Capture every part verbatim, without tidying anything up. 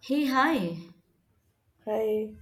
Hey, hi. I,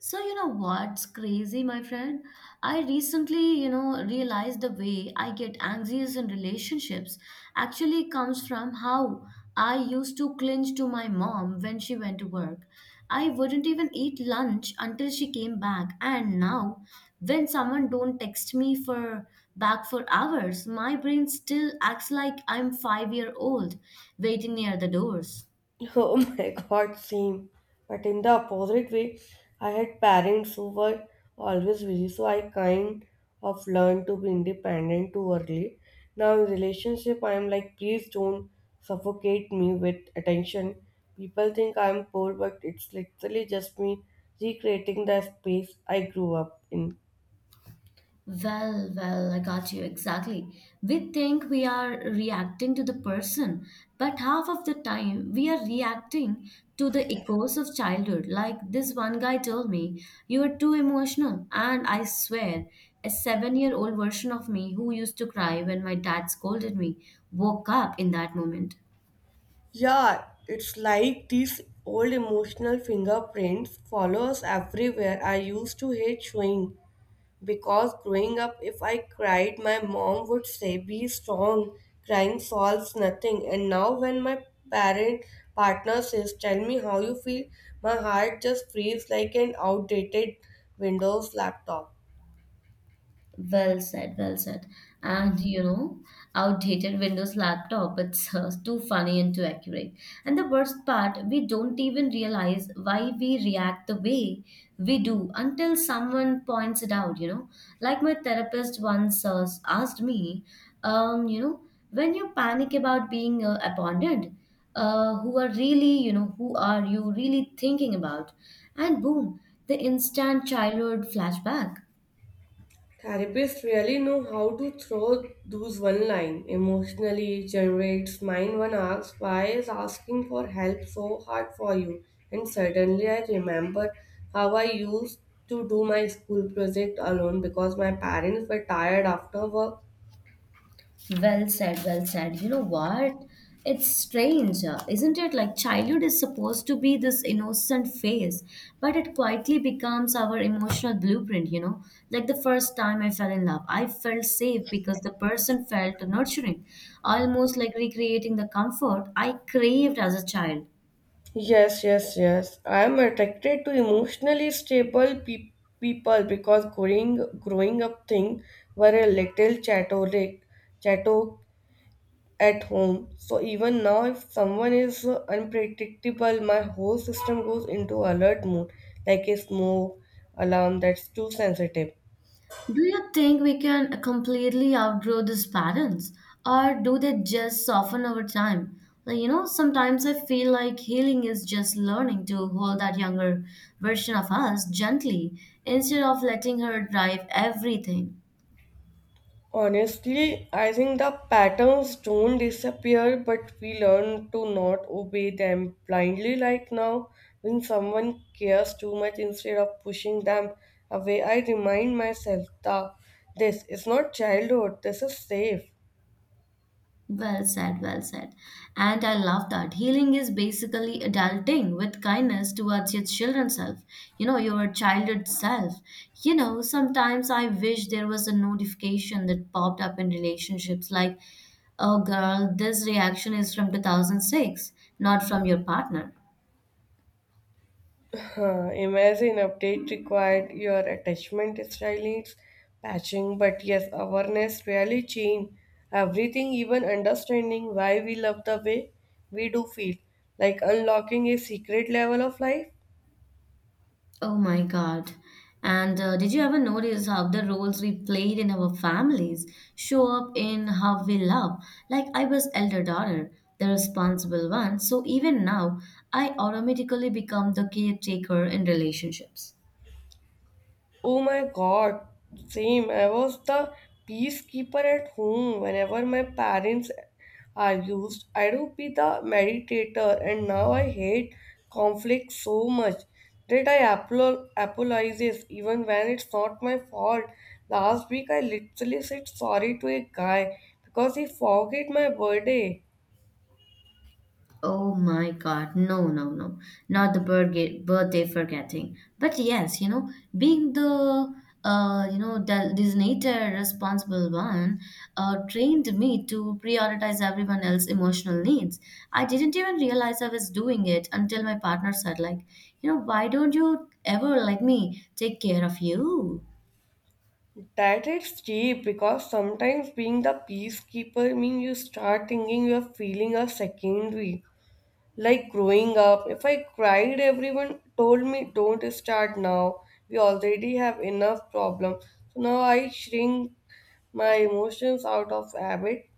So, you know what's crazy, my friend? I recently, you know, realized the way I get anxious in relationships actually comes from how I used to clinch to my mom when she went to work. I wouldn't even eat lunch until she came back, and now when someone don't text me for back for hours, my brain still acts like I'm five year old waiting near the doors. oh my god, same. But in the opposite way, I had parents who were always busy, so I kind of learned to be independent too early. Now in relationship, I am like, please don't suffocate me with attention. People think I am poor, but it's literally just me recreating the space I grew up in. Well, well, I got you exactly. We think we are reacting to the person, but half of the time we are reacting to the echoes of childhood. Like this one guy told me, you are too emotional. And I swear, a seven year old version of me who used to cry when my dad scolded me woke up in that moment. Yeah, it's like these old emotional fingerprints follow us everywhere. I used to hate showing. Because growing up, if I cried, my mom would say, be strong, crying solves nothing. And now, when my parent partner says, tell me how you feel, my heart just freezes like an outdated Windows laptop. Well said, well said. And you know, outdated Windows laptop, it's uh, too funny and too accurate. And the worst part, we don't even realize why we react the way we do until someone points it out, you know. Like my therapist once uh, asked me, um, you know, when you panic about being uh, abandoned, uh, who are really, you know, who are you really thinking about? And boom, the instant childhood flashback. Therapists really know how to throw those one line emotionally generates mind one asks why is asking for help so hard for you and suddenly I remember how I used to do my school project alone because my parents were tired after work. Well said, well said. You know what? It's strange, uh, isn't it? Like childhood is supposed to be this innocent phase, but it quietly becomes our emotional blueprint, you know? Like the first time I fell in love, I felt safe because the person felt nurturing, almost like recreating the comfort I craved as a child. Yes, yes, yes. I am attracted to emotionally stable pe- people because growing growing up thing were a little chaotic, chaotic at home. So even now, if someone is uh, unpredictable, my whole system goes into alert mode, like a smoke alarm that's too sensitive. Do you think we can completely outgrow these patterns, or do they just soften over time? Like, you know, sometimes I feel like healing is just learning to hold that younger version of us gently instead of letting her drive everything. Honestly, I think the patterns don't disappear, but we learn to not obey them blindly. Like now, when someone cares too much instead of pushing them away, I remind myself that this is not childhood, this is safe. Well said, well said. And I love that. Healing is basically adulting with kindness towards your children's self, you know, your childhood self. You know, sometimes I wish there was a notification that popped up in relationships like, oh, girl, this reaction is from two thousand six, not from your partner. Huh. Imagine update required your attachment style needs patching, but yes, awareness really change everything, even understanding why we love the way we do feel, like unlocking a secret level of life. Oh my God. And uh, did you ever notice how the roles we played in our families show up in how we love? Like, I was elder daughter, the responsible one, so even now, I automatically become the caretaker in relationships. Oh my god, same. I was the peacekeeper at home. Whenever my parents argued, I do be the meditator, and now I hate conflict so much that I apolo- apologizes even when it's not my fault. Last week, I literally said sorry to a guy because he forgot my birthday. Oh my God, no, no, no. Not the birthday, birthday forgetting. But yes, you know, being the, uh, you know, the designated responsible one uh, trained me to prioritize everyone else's emotional needs. I didn't even realize I was doing it until my partner said, like, you know, why don't you ever let me take care of you? That is cheap because sometimes being the peacekeeper means you start thinking you are feeling a secondary. Like growing up, if I cried, everyone told me, don't start now. We already have enough problem. So now I shrink my emotions out of habit.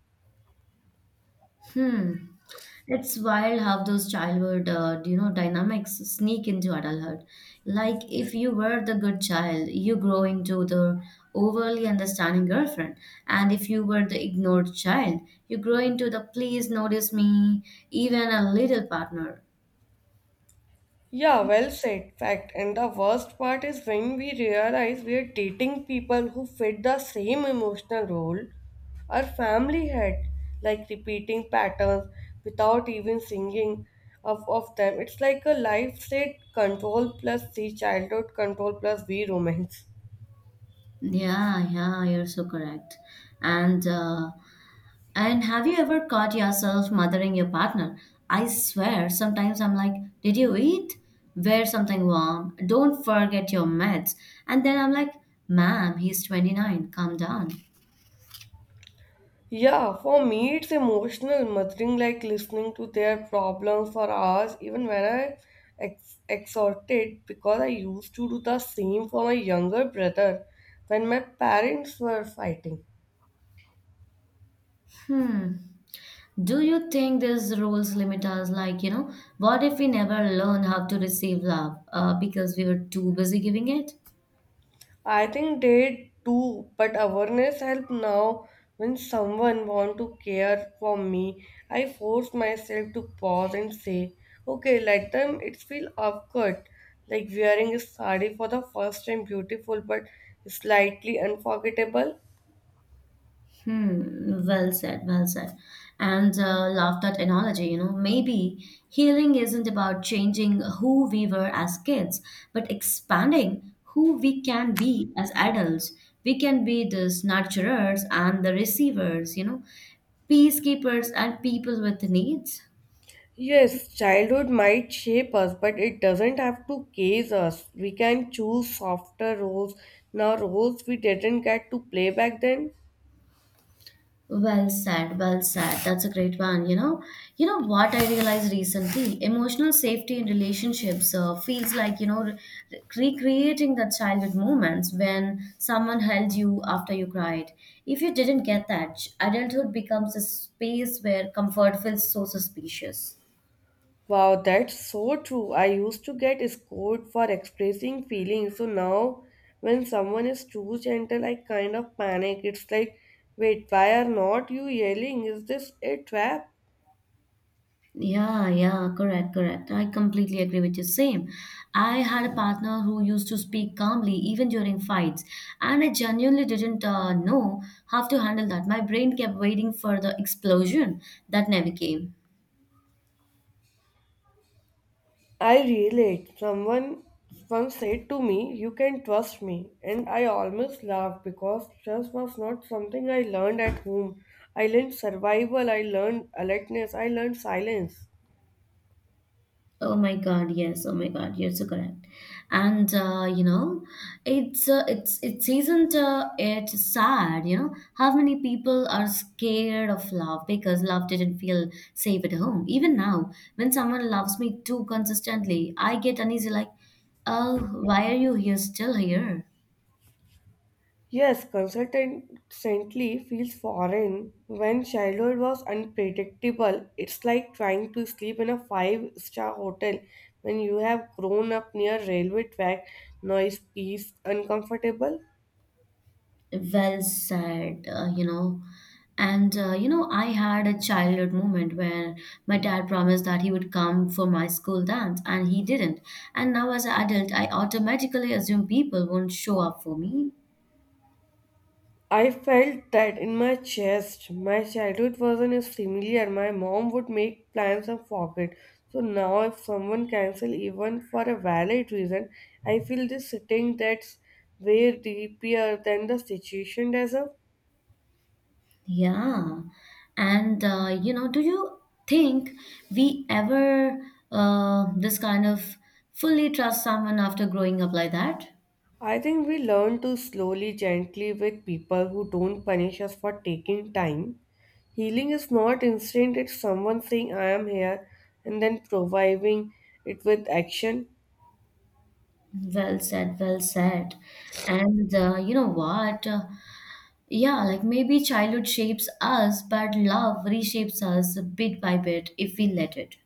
Hmm. It's wild how those childhood, uh, you know, dynamics sneak into adulthood. Like if you were the good child, you grow into the overly understanding girlfriend, and if you were the ignored child, you grow into the please notice me, even a little partner. Yeah, well said. Fact. And the worst part is when we realize we are dating people who fit the same emotional role our family had, like repeating patterns without even singing of, of them. It's like a life state control plus the childhood control plus we romance. Yeah, yeah, you're so correct. And uh, and have you ever caught yourself mothering your partner? I swear, sometimes I'm like, "Did you eat? Wear something warm. Don't forget your meds." And then I'm like, "Ma'am, he's twenty-nine. Calm down." Yeah, for me it's emotional muttering, like listening to their problems for hours, even when I ex- exhorted, because I used to do the same for my younger brother when my parents were fighting. Hmm. Do you think these rules limit us? Like, you know, what if we never learn how to receive love uh, because we were too busy giving it? I think they do, but awareness help now. When someone want to care for me, I force myself to pause and say, "Okay, let them." It feel awkward, like wearing a sari for the first time, beautiful but slightly unforgettable. Hmm, well said, well said. And uh, love that analogy, you know. Maybe healing isn't about changing who we were as kids, but expanding who we can be as adults. We can be the nurturers and the receivers, you know, peacekeepers and people with needs. Yes, childhood might shape us, but it doesn't have to case us. We can choose softer roles now, roles we didn't get to play back then. Well said, well said. That's a great one. You know, you know what I realized recently? Emotional safety in relationships uh, feels like, you know, re- recreating the childhood moments when someone held you after you cried. If you didn't get that, adulthood becomes a space where comfort feels so suspicious. Wow, that's so true. I used to get scored for expressing feelings. So now, when someone is too gentle, I kind of panic. It's like, wait, why are not you yelling? Is this a trap? Yeah, yeah, correct, correct. I completely agree with you. Same. I had a partner who used to speak calmly even during fights, and I genuinely didn't uh, know how to handle that. My brain kept waiting for the explosion that never came. I relate. Someone once said to me, you can trust me. And I almost laughed because trust was not something I learned at home. I learned survival, I learned alertness, I learned silence. Oh my God, yes. Oh my God, you're so correct. And uh, you know, it's uh, it's it's isn't uh, it sad? You know how many people are scared of love because love didn't feel safe at home. Even now, when someone loves me too consistently, I get uneasy. Like, oh, why are you here? Still here? Yes, constantly feels foreign. When childhood was unpredictable, it's like trying to sleep in a five-star hotel when you have grown up near railway track, noise, peace, uncomfortable. Well said, uh, you know. And, uh, you know, I had a childhood moment where my dad promised that he would come for my school dance and he didn't. And now, as an adult, I automatically assume people won't show up for me. I felt that in my chest. My childhood wasn't as familiar. My mom would make plans and forget. So now, if someone cancels even for a valid reason, I feel this sitting that's way deeper than the situation does. Yeah. And, uh, you know, do you think we ever uh, this kind of fully trust someone after growing up like that? I think we learn to slowly, gently with people who don't punish us for taking time. Healing is not instant, it's someone saying, I am here, and then providing it with action. Well said, well said. And uh, you know what? Uh, Yeah, like maybe childhood shapes us, but love reshapes us bit by bit if we let it.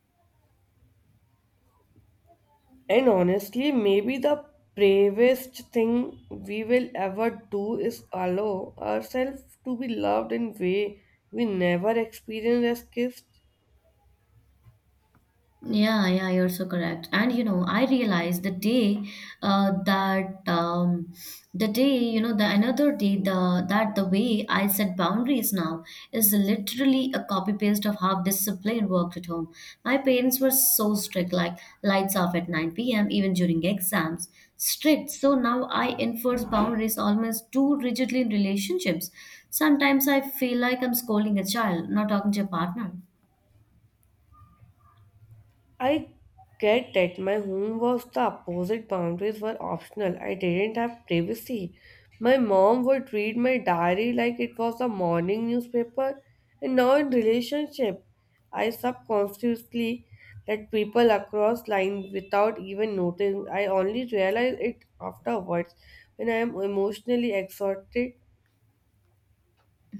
And honestly, maybe the bravest thing we will ever do is allow ourselves to be loved in way we never experienced as kids. Yeah, yeah, you're so correct. And you know, I realized the day uh, that um, the day, you know, the another day the that the way I set boundaries now is literally a copy paste of how discipline worked at home. My parents were so strict, like lights off at nine p m even during exams. Strict. So now I enforce boundaries almost too rigidly in relationships. Sometimes I feel like I'm scolding a child, not talking to a partner. I get that my home was the opposite. Boundaries were optional. I didn't have privacy. My mom would read my diary like it was a morning newspaper. And now in relationship, I subconsciously let people across lines without even noticing. I only realize it afterwards when I am emotionally exhausted.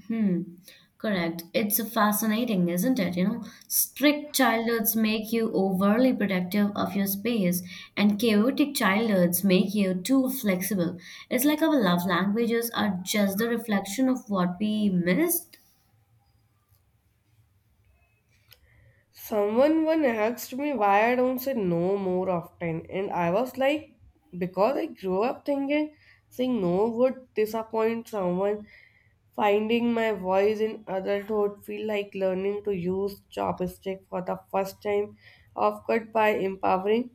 Hmm, correct. It's fascinating, isn't it? You know, strict childhoods make you overly protective of your space, and chaotic childhoods make you too flexible. It's like our love languages are just the reflection of what we missed. Someone one asked me why I don't say no more often, and I was like, because I grew up thinking saying no would disappoint someone. Finding my voice in adulthood feel like learning to use chopstick for the first time. Of course, by empowering.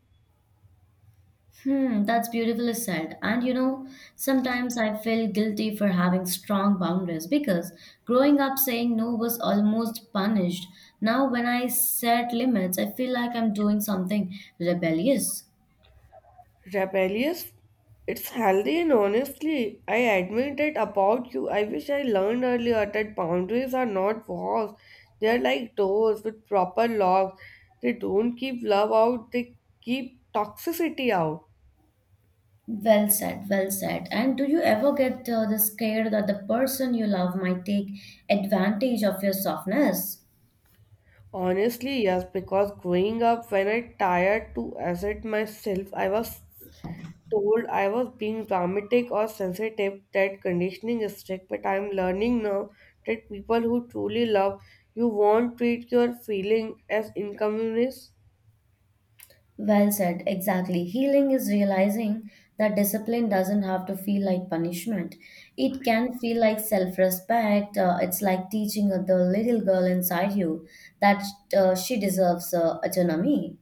Hmm, that's beautifully said. And you know, sometimes I feel guilty for having strong boundaries because growing up saying no was almost punished. Now, when I set limits, I feel like I'm doing something rebellious. Rebellious? It's healthy and honestly, I admit it about you. I wish I learned earlier that boundaries are not walls, they are like doors with proper locks. They don't keep love out, they keep toxicity out. Well said, well said. And do you ever get uh, the scared that the person you love might take advantage of your softness? Honestly, yes, because growing up when I tired to assert myself, I was told I was being dramatic or sensitive. That conditioning is strict, but I'm learning now that people who truly love you won't treat your feeling as inconvenience. Well said, exactly. Healing is realizing that discipline doesn't have to feel like punishment. It can feel like self respect. Uh, it's like teaching the little girl inside you that uh, she deserves uh, autonomy.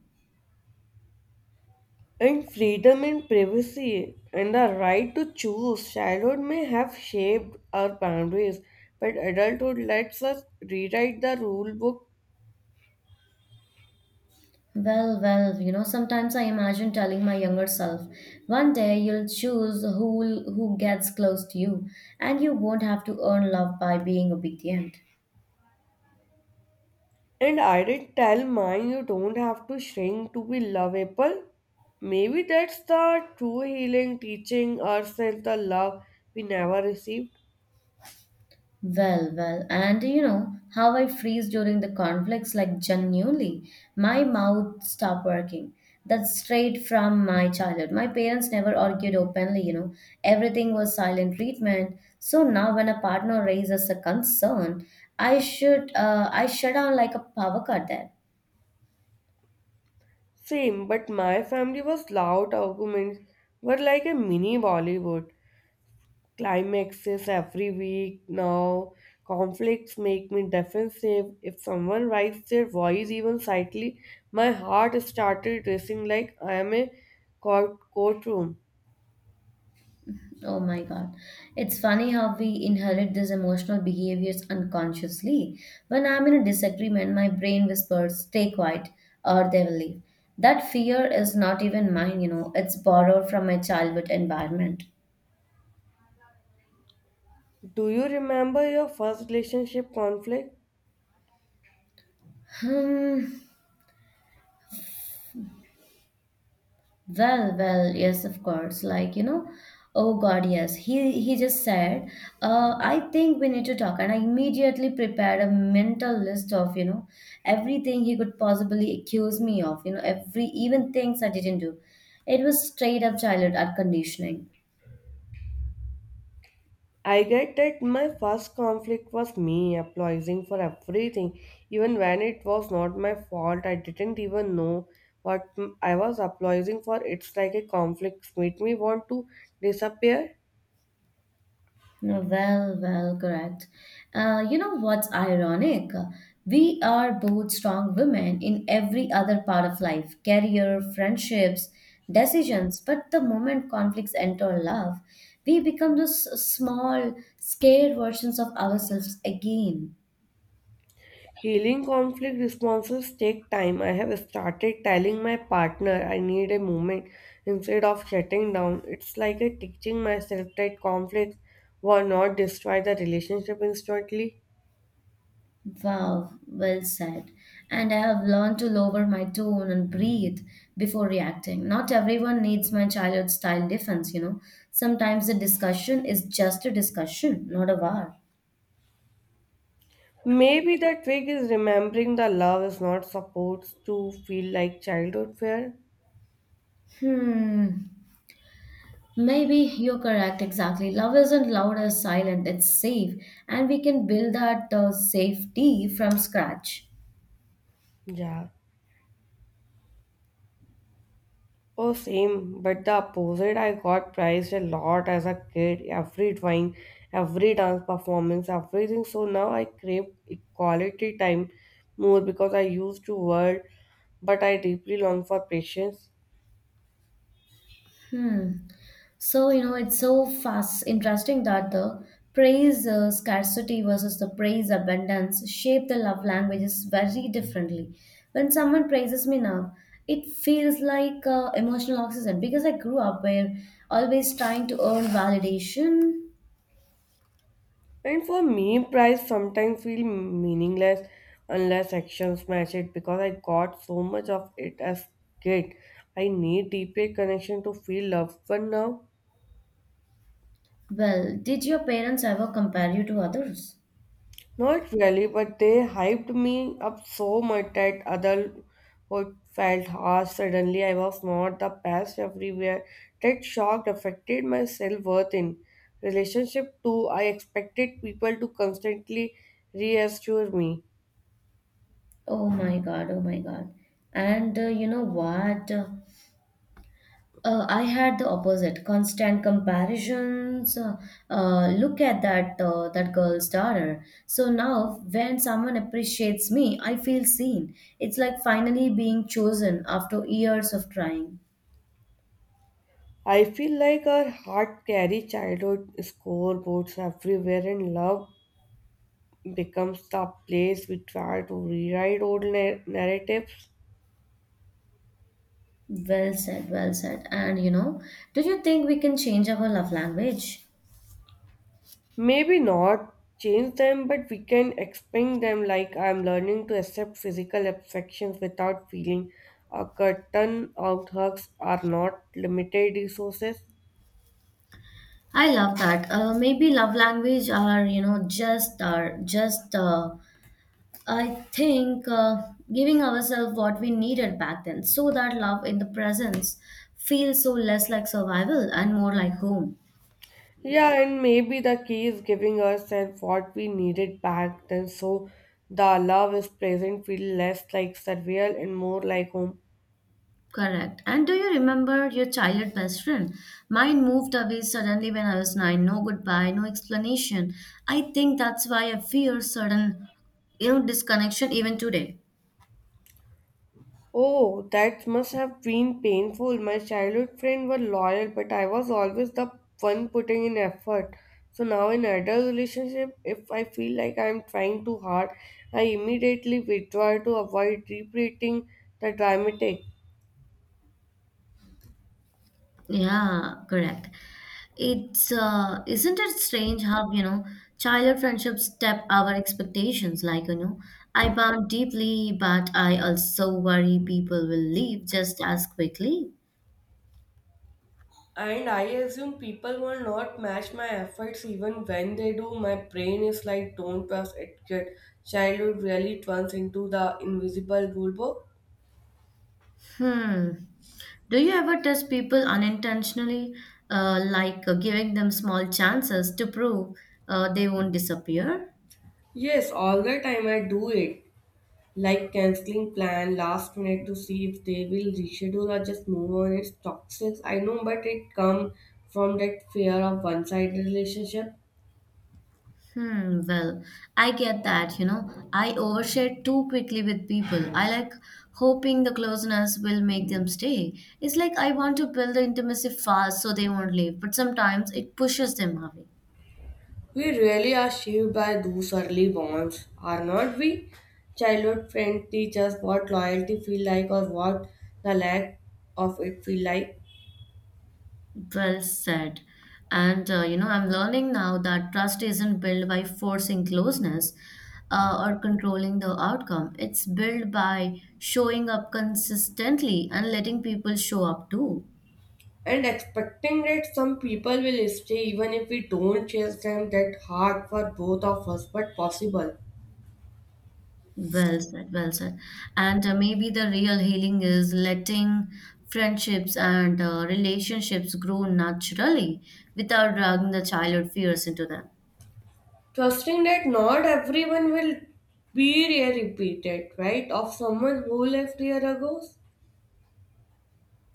And freedom in privacy and the right to choose. Childhood may have shaped our boundaries, but adulthood lets us rewrite the rule book. Well, well, you know, sometimes I imagine telling my younger self, one day you'll choose who who gets close to you, and you won't have to earn love by being obedient. And I did tell mine you don't have to shrink to be lovable. Maybe that's the true healing, teaching ourselves the love we never received. Well, well, and you know how I freeze during the conflicts, like genuinely, my mouth stopped working. That's straight from my childhood. My parents never argued openly, you know, everything was silent treatment. So now, when a partner raises a concern, I should, uh, I shut down like a power cut there. Same, but my family was loud arguments were like a mini Bollywood. Climaxes every week now. Conflicts make me defensive. If someone raised their voice even slightly, my heart started racing like I am a court courtroom. Oh my God. It's funny how we inherit these emotional behaviors unconsciously. When I'm in a disagreement, my brain whispers, stay quiet, or they will leave. That fear is not even mine, you know, it's borrowed from my childhood environment. Do you remember your first relationship conflict? Hmm. Well, well, yes, of course. Like, you know, oh God, yes. He he just said, uh, I think we need to talk. And I immediately prepared a mental list of, you know, everything he could possibly accuse me of, you know, every even things I didn't do. It was straight up childhood art conditioning. I get that my first conflict was me apologizing for everything, even when it was not my fault. I didn't even know what I was apologizing for. It's like a conflict made me want to disappear. Well, well, correct. Uh, you know what's ironic? We are both strong women in every other part of life, career, friendships, decisions. But the moment conflicts enter love, we become those small, scared versions of ourselves again. Healing conflict responses take time. I have started telling my partner I need a moment instead of shutting down. It's like a teaching myself that conflicts will not destroy the relationship instantly. Wow, well said. And I have learned to lower my tone and breathe before reacting. Not everyone needs my childhood style defense, you know. Sometimes the discussion is just a discussion, not a war. Maybe the trick is remembering the love is not supposed to feel like childhood fear. Hmm. Maybe you're correct, exactly. Love isn't loud or silent, it's safe. And we can build that uh, safety from scratch. Yeah. Oh, same, but the opposite. I got praised a lot as a kid. Every drawing, every dance performance, everything. So now I crave quality time more because I used to work, but I deeply long for patience. So, you know, it's so fast interesting that the praise uh, scarcity versus the praise abundance shape the love languages very differently. When someone praises me now, it feels like uh, emotional oxygen because I grew up where always trying to earn validation. And for me, prize sometimes feel meaningless unless actions match it because I got so much of it as kid. I need deeper connection to feel loved one now. Well, did your parents ever compare you to others? Not really, but they hyped me up so much that other who felt harsh suddenly I was not the best everywhere. That shock affected my self-worth in relationship too. I expected people to constantly reassure me. Oh my god, oh my god. And uh, you know what? Uh, I had the opposite, constant comparisons. Uh, uh, look at that uh, that girl's daughter. So now, when someone appreciates me, I feel seen. It's like finally being chosen after years of trying. I feel like our heart carry childhood scoreboards everywhere and love becomes the place we try to rewrite old nar- narratives. Well said, well said. And you know, do you think we can change our love language? Maybe not change them, but we can explain them like I'm learning to accept physical affections without feeling a curtain out hugs are not limited resources. I love that. Uh, maybe love language are you know just are just uh, I think uh, giving ourselves what we needed back then so that love in the presence feels so less like survival and more like home. Yeah, and maybe the key is giving us and what we needed back then so the love is present, feel less like surreal and more like home. Correct. And do you remember your childhood best friend? Mine moved away suddenly when I was nine. No goodbye, no explanation. I think that's why I fear sudden, you know, disconnection even today. Oh, that must have been painful. My childhood friends were loyal, but I was always the one putting in effort. So now in adult relationship, if I feel like I'm trying too hard, I immediately withdraw to avoid repeating the dramatic. Yeah, correct. It's uh, Isn't it strange how, you know, childhood friendships step our expectations? Like, you know, I bond deeply, but I also worry people will leave just as quickly. And I assume people will not match my efforts even when they do. My brain is like, don't trust it, kid. Childhood really turns into the invisible rule book. Hmm. Do you ever test people unintentionally, uh, like uh, giving them small chances to prove uh, they won't disappear? Yes, all the time I do it. Like canceling plan last minute to see if they will reschedule or just move on, it's toxic, I know, but it come from that fear of one-sided relationship. Hmm, well, I get that, you know. I overshare too quickly with people. I like hoping the closeness will make them stay. It's like I want to build the intimacy fast so they won't leave, but sometimes it pushes them away. We really are shaped by those early bonds, are not we? Childhood friends teach us what loyalty feel like, or what the lack of it feel like. Well said. And uh, you know, I'm learning now that trust isn't built by forcing closeness uh, or controlling the outcome. It's built by showing up consistently and letting people show up too. And expecting that some people will stay even if we don't chase them that hard, for both of us, but possible. Well said, well said. And uh, maybe the real healing is letting friendships and uh, relationships grow naturally without dragging the childhood fears into them. Trusting that not everyone will be a repeated, right, of someone who left year ago.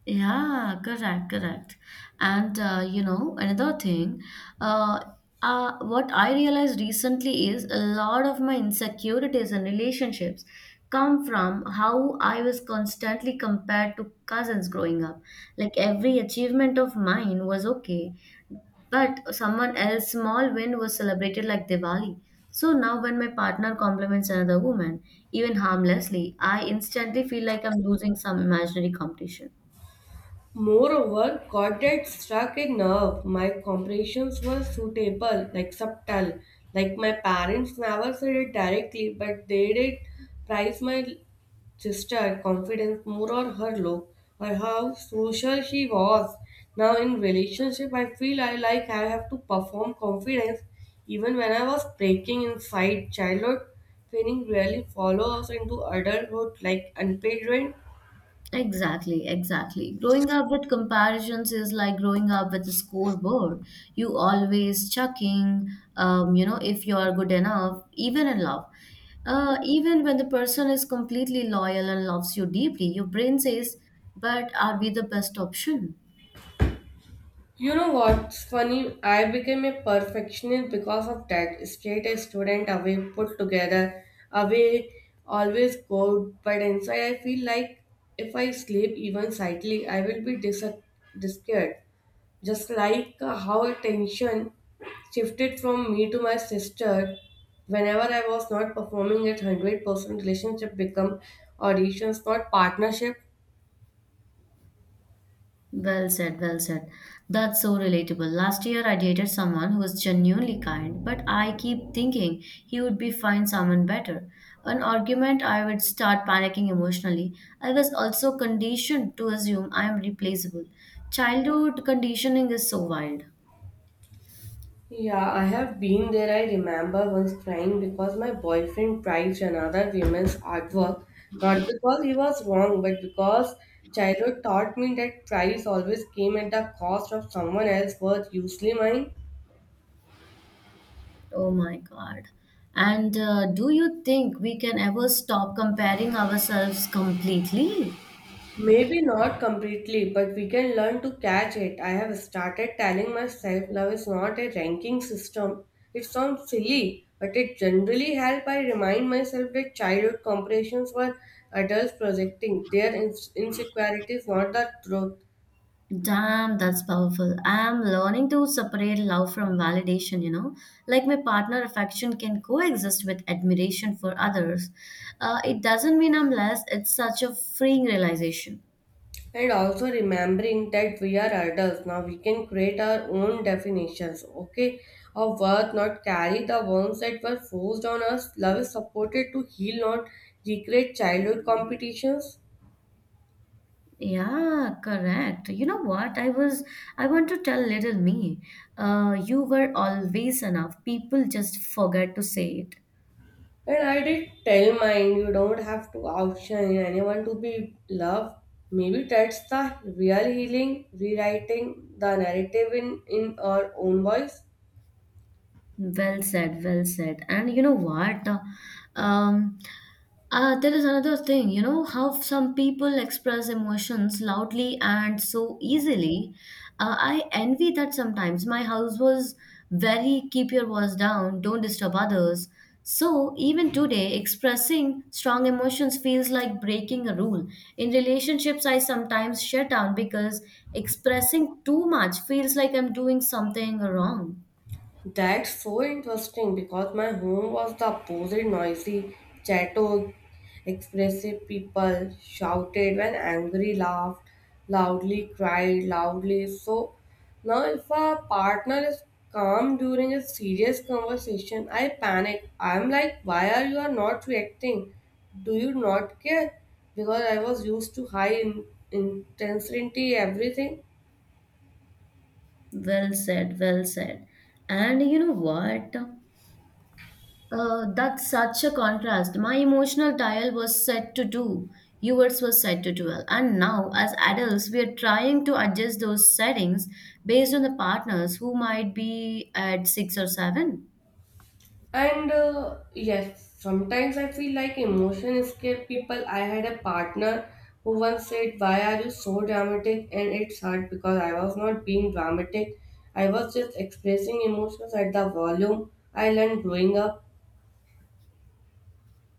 Yeah, correct, correct. And uh, you know, another thing, uh, uh, what I realized recently is a lot of my insecurities and relationships come from how I was constantly compared to cousins growing up. Like every achievement of mine was okay, but someone else's small win was celebrated like Diwali. So now, when my partner compliments another woman, even harmlessly, I instantly feel like I'm losing some imaginary competition. Moreover, Goddard struck a nerve. My comprehensions were suitable, like subtle. Like my parents never said it directly, but they did prize my sister confidence more or her look or how social she was. Now in relationship I feel I like I have to perform confidence even when I was breaking inside childhood training really follows into adulthood like unpaid rent. Exactly, exactly. Growing up with comparisons is like growing up with a scoreboard. You always checking, um, you know, if you are good enough, even in love. Uh, even when the person is completely loyal and loves you deeply, your brain says, but are we the best option? You know what's funny? I became a perfectionist because of that. Straight A student away, put together, away, always good. But inside, I feel like if I sleep even slightly, I will be dis- disappeared. Just like uh, how attention shifted from me to my sister whenever I was not performing at one hundred percent. Relationship become auditions, not partnership. Well said, well said. That's so relatable. Last year I dated someone who was genuinely kind, but I keep thinking he would be find someone better. An argument, I would start panicking emotionally. I was also conditioned to assume I am replaceable. Childhood conditioning is so wild. Yeah, I have been there. I remember once crying because my boyfriend prized another woman's artwork, not because he was wrong, but because childhood taught me that price always came at the cost of someone else's worth, usually mine. Oh my God. And uh, do you think we can ever stop comparing ourselves completely? Maybe not completely, but we can learn to catch it. I have started telling myself love is not a ranking system. It sounds silly, but it generally helps. I remind myself that childhood comparisons were adults projecting their ins- insecurities, not the truth. Damn, that's powerful. I am learning to separate love from validation, you know. Like my partner affection can coexist with admiration for others. Uh, it doesn't mean I'm less, it's such a freeing realization. And also remembering that we are adults now, we can create our own definitions, okay, of worth, not carry the wounds that were forced on us. Love is supported to heal, not recreate childhood competitions. Yeah, correct. You know what? I was, I want to tell little me, uh, you were always enough. People just forget to say it. And I did tell mine, you don't have to outshine anyone to be loved. Maybe that's the real healing, rewriting the narrative in, in our own voice. Well said, well said. And you know what? Um, uh, there is another thing, you know, how some people express emotions loudly and so easily. Uh, I envy that sometimes. My house was very keep your voice down, don't disturb others. So even today, expressing strong emotions feels like breaking a rule. In relationships, I sometimes shut down because expressing too much feels like I'm doing something wrong. That's so interesting because my home was the opposite noisy, chato, expressive people shouted when angry, laughed loudly, cried loudly. So now, if a partner is calm during a serious conversation, I panic. I'm like, why are you not reacting? Do you not care? Because I was used to high in- intensity, everything. Well said, well said. And you know what? Uh, that's such a contrast. My emotional dial was set to two, yours was set to twelve. And now, as adults, we are trying to adjust those settings based on the partners who might be at six or seven. And uh, yes, sometimes I feel like emotion escape people. I had a partner who once said, why are you so dramatic? And it's hard because I was not being dramatic. I was just expressing emotions at the volume I learned growing up.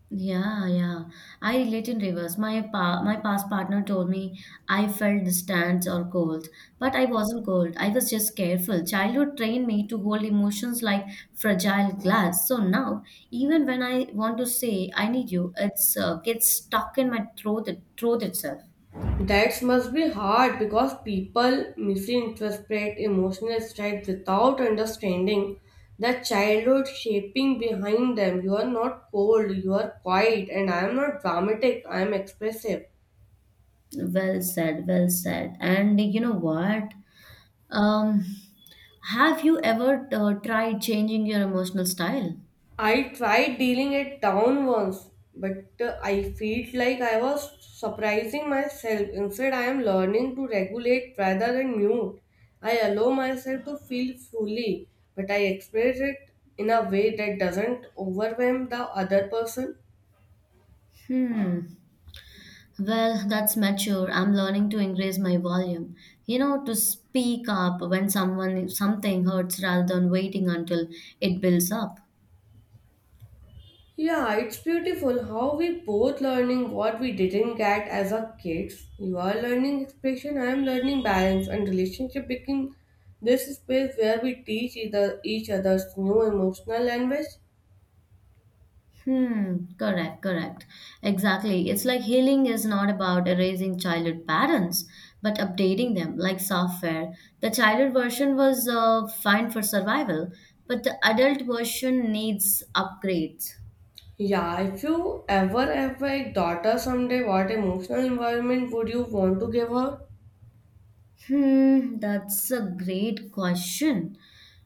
Yeah, yeah. I relate in reverse. My pa my past partner told me I felt distant or cold, but I wasn't cold. I was just careful. Childhood trained me to hold emotions like fragile glass. So now, even when I want to say I need you, it's uh, gets stuck in my throat, throat itself. That must be hard because people misinterpret emotional stripes without understanding the childhood shaping behind them. You are not cold, you are quiet, and I am not dramatic, I am expressive. Well said, well said. And you know what? Um, have you ever uh, tried changing your emotional style? I tried dealing it down once, but uh, I felt like I was surprising myself. Instead, I am learning to regulate rather than mute. I allow myself to feel fully, but I express it in a way that doesn't overwhelm the other person. Hmm. Well, that's mature. I'm learning to increase my volume. You know, to speak up when someone something hurts rather than waiting until it builds up. Yeah, it's beautiful how we both learning what we didn't get as a kids. You are learning expression, I am learning balance, and relationship became this space where we teach either each other's new emotional language. Hmm, correct, correct. Exactly. It's like healing is not about erasing childhood patterns, but updating them like software. The childhood version was uh, fine for survival, but the adult version needs upgrades. Yeah, if you ever have a daughter someday, what emotional environment would you want to give her? Hmm, that's a great question.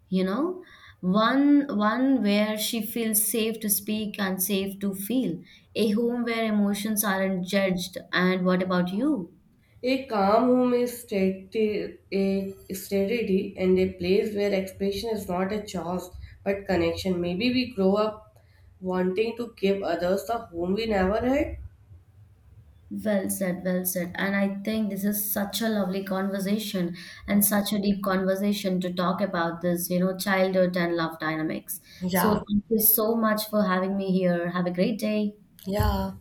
You know, one one where she feels safe to speak and safe to feel, a home where emotions aren't judged. And what about you? A calm home is stati- a steady and a place where expression is not a chore but connection. Maybe we grow up wanting to give others the home we never had. Well said, well said. And I think this is such a lovely conversation and such a deep conversation to talk about this, you know, childhood and love dynamics. So Yeah, thank you so much for having me here. Have a great day. yeah.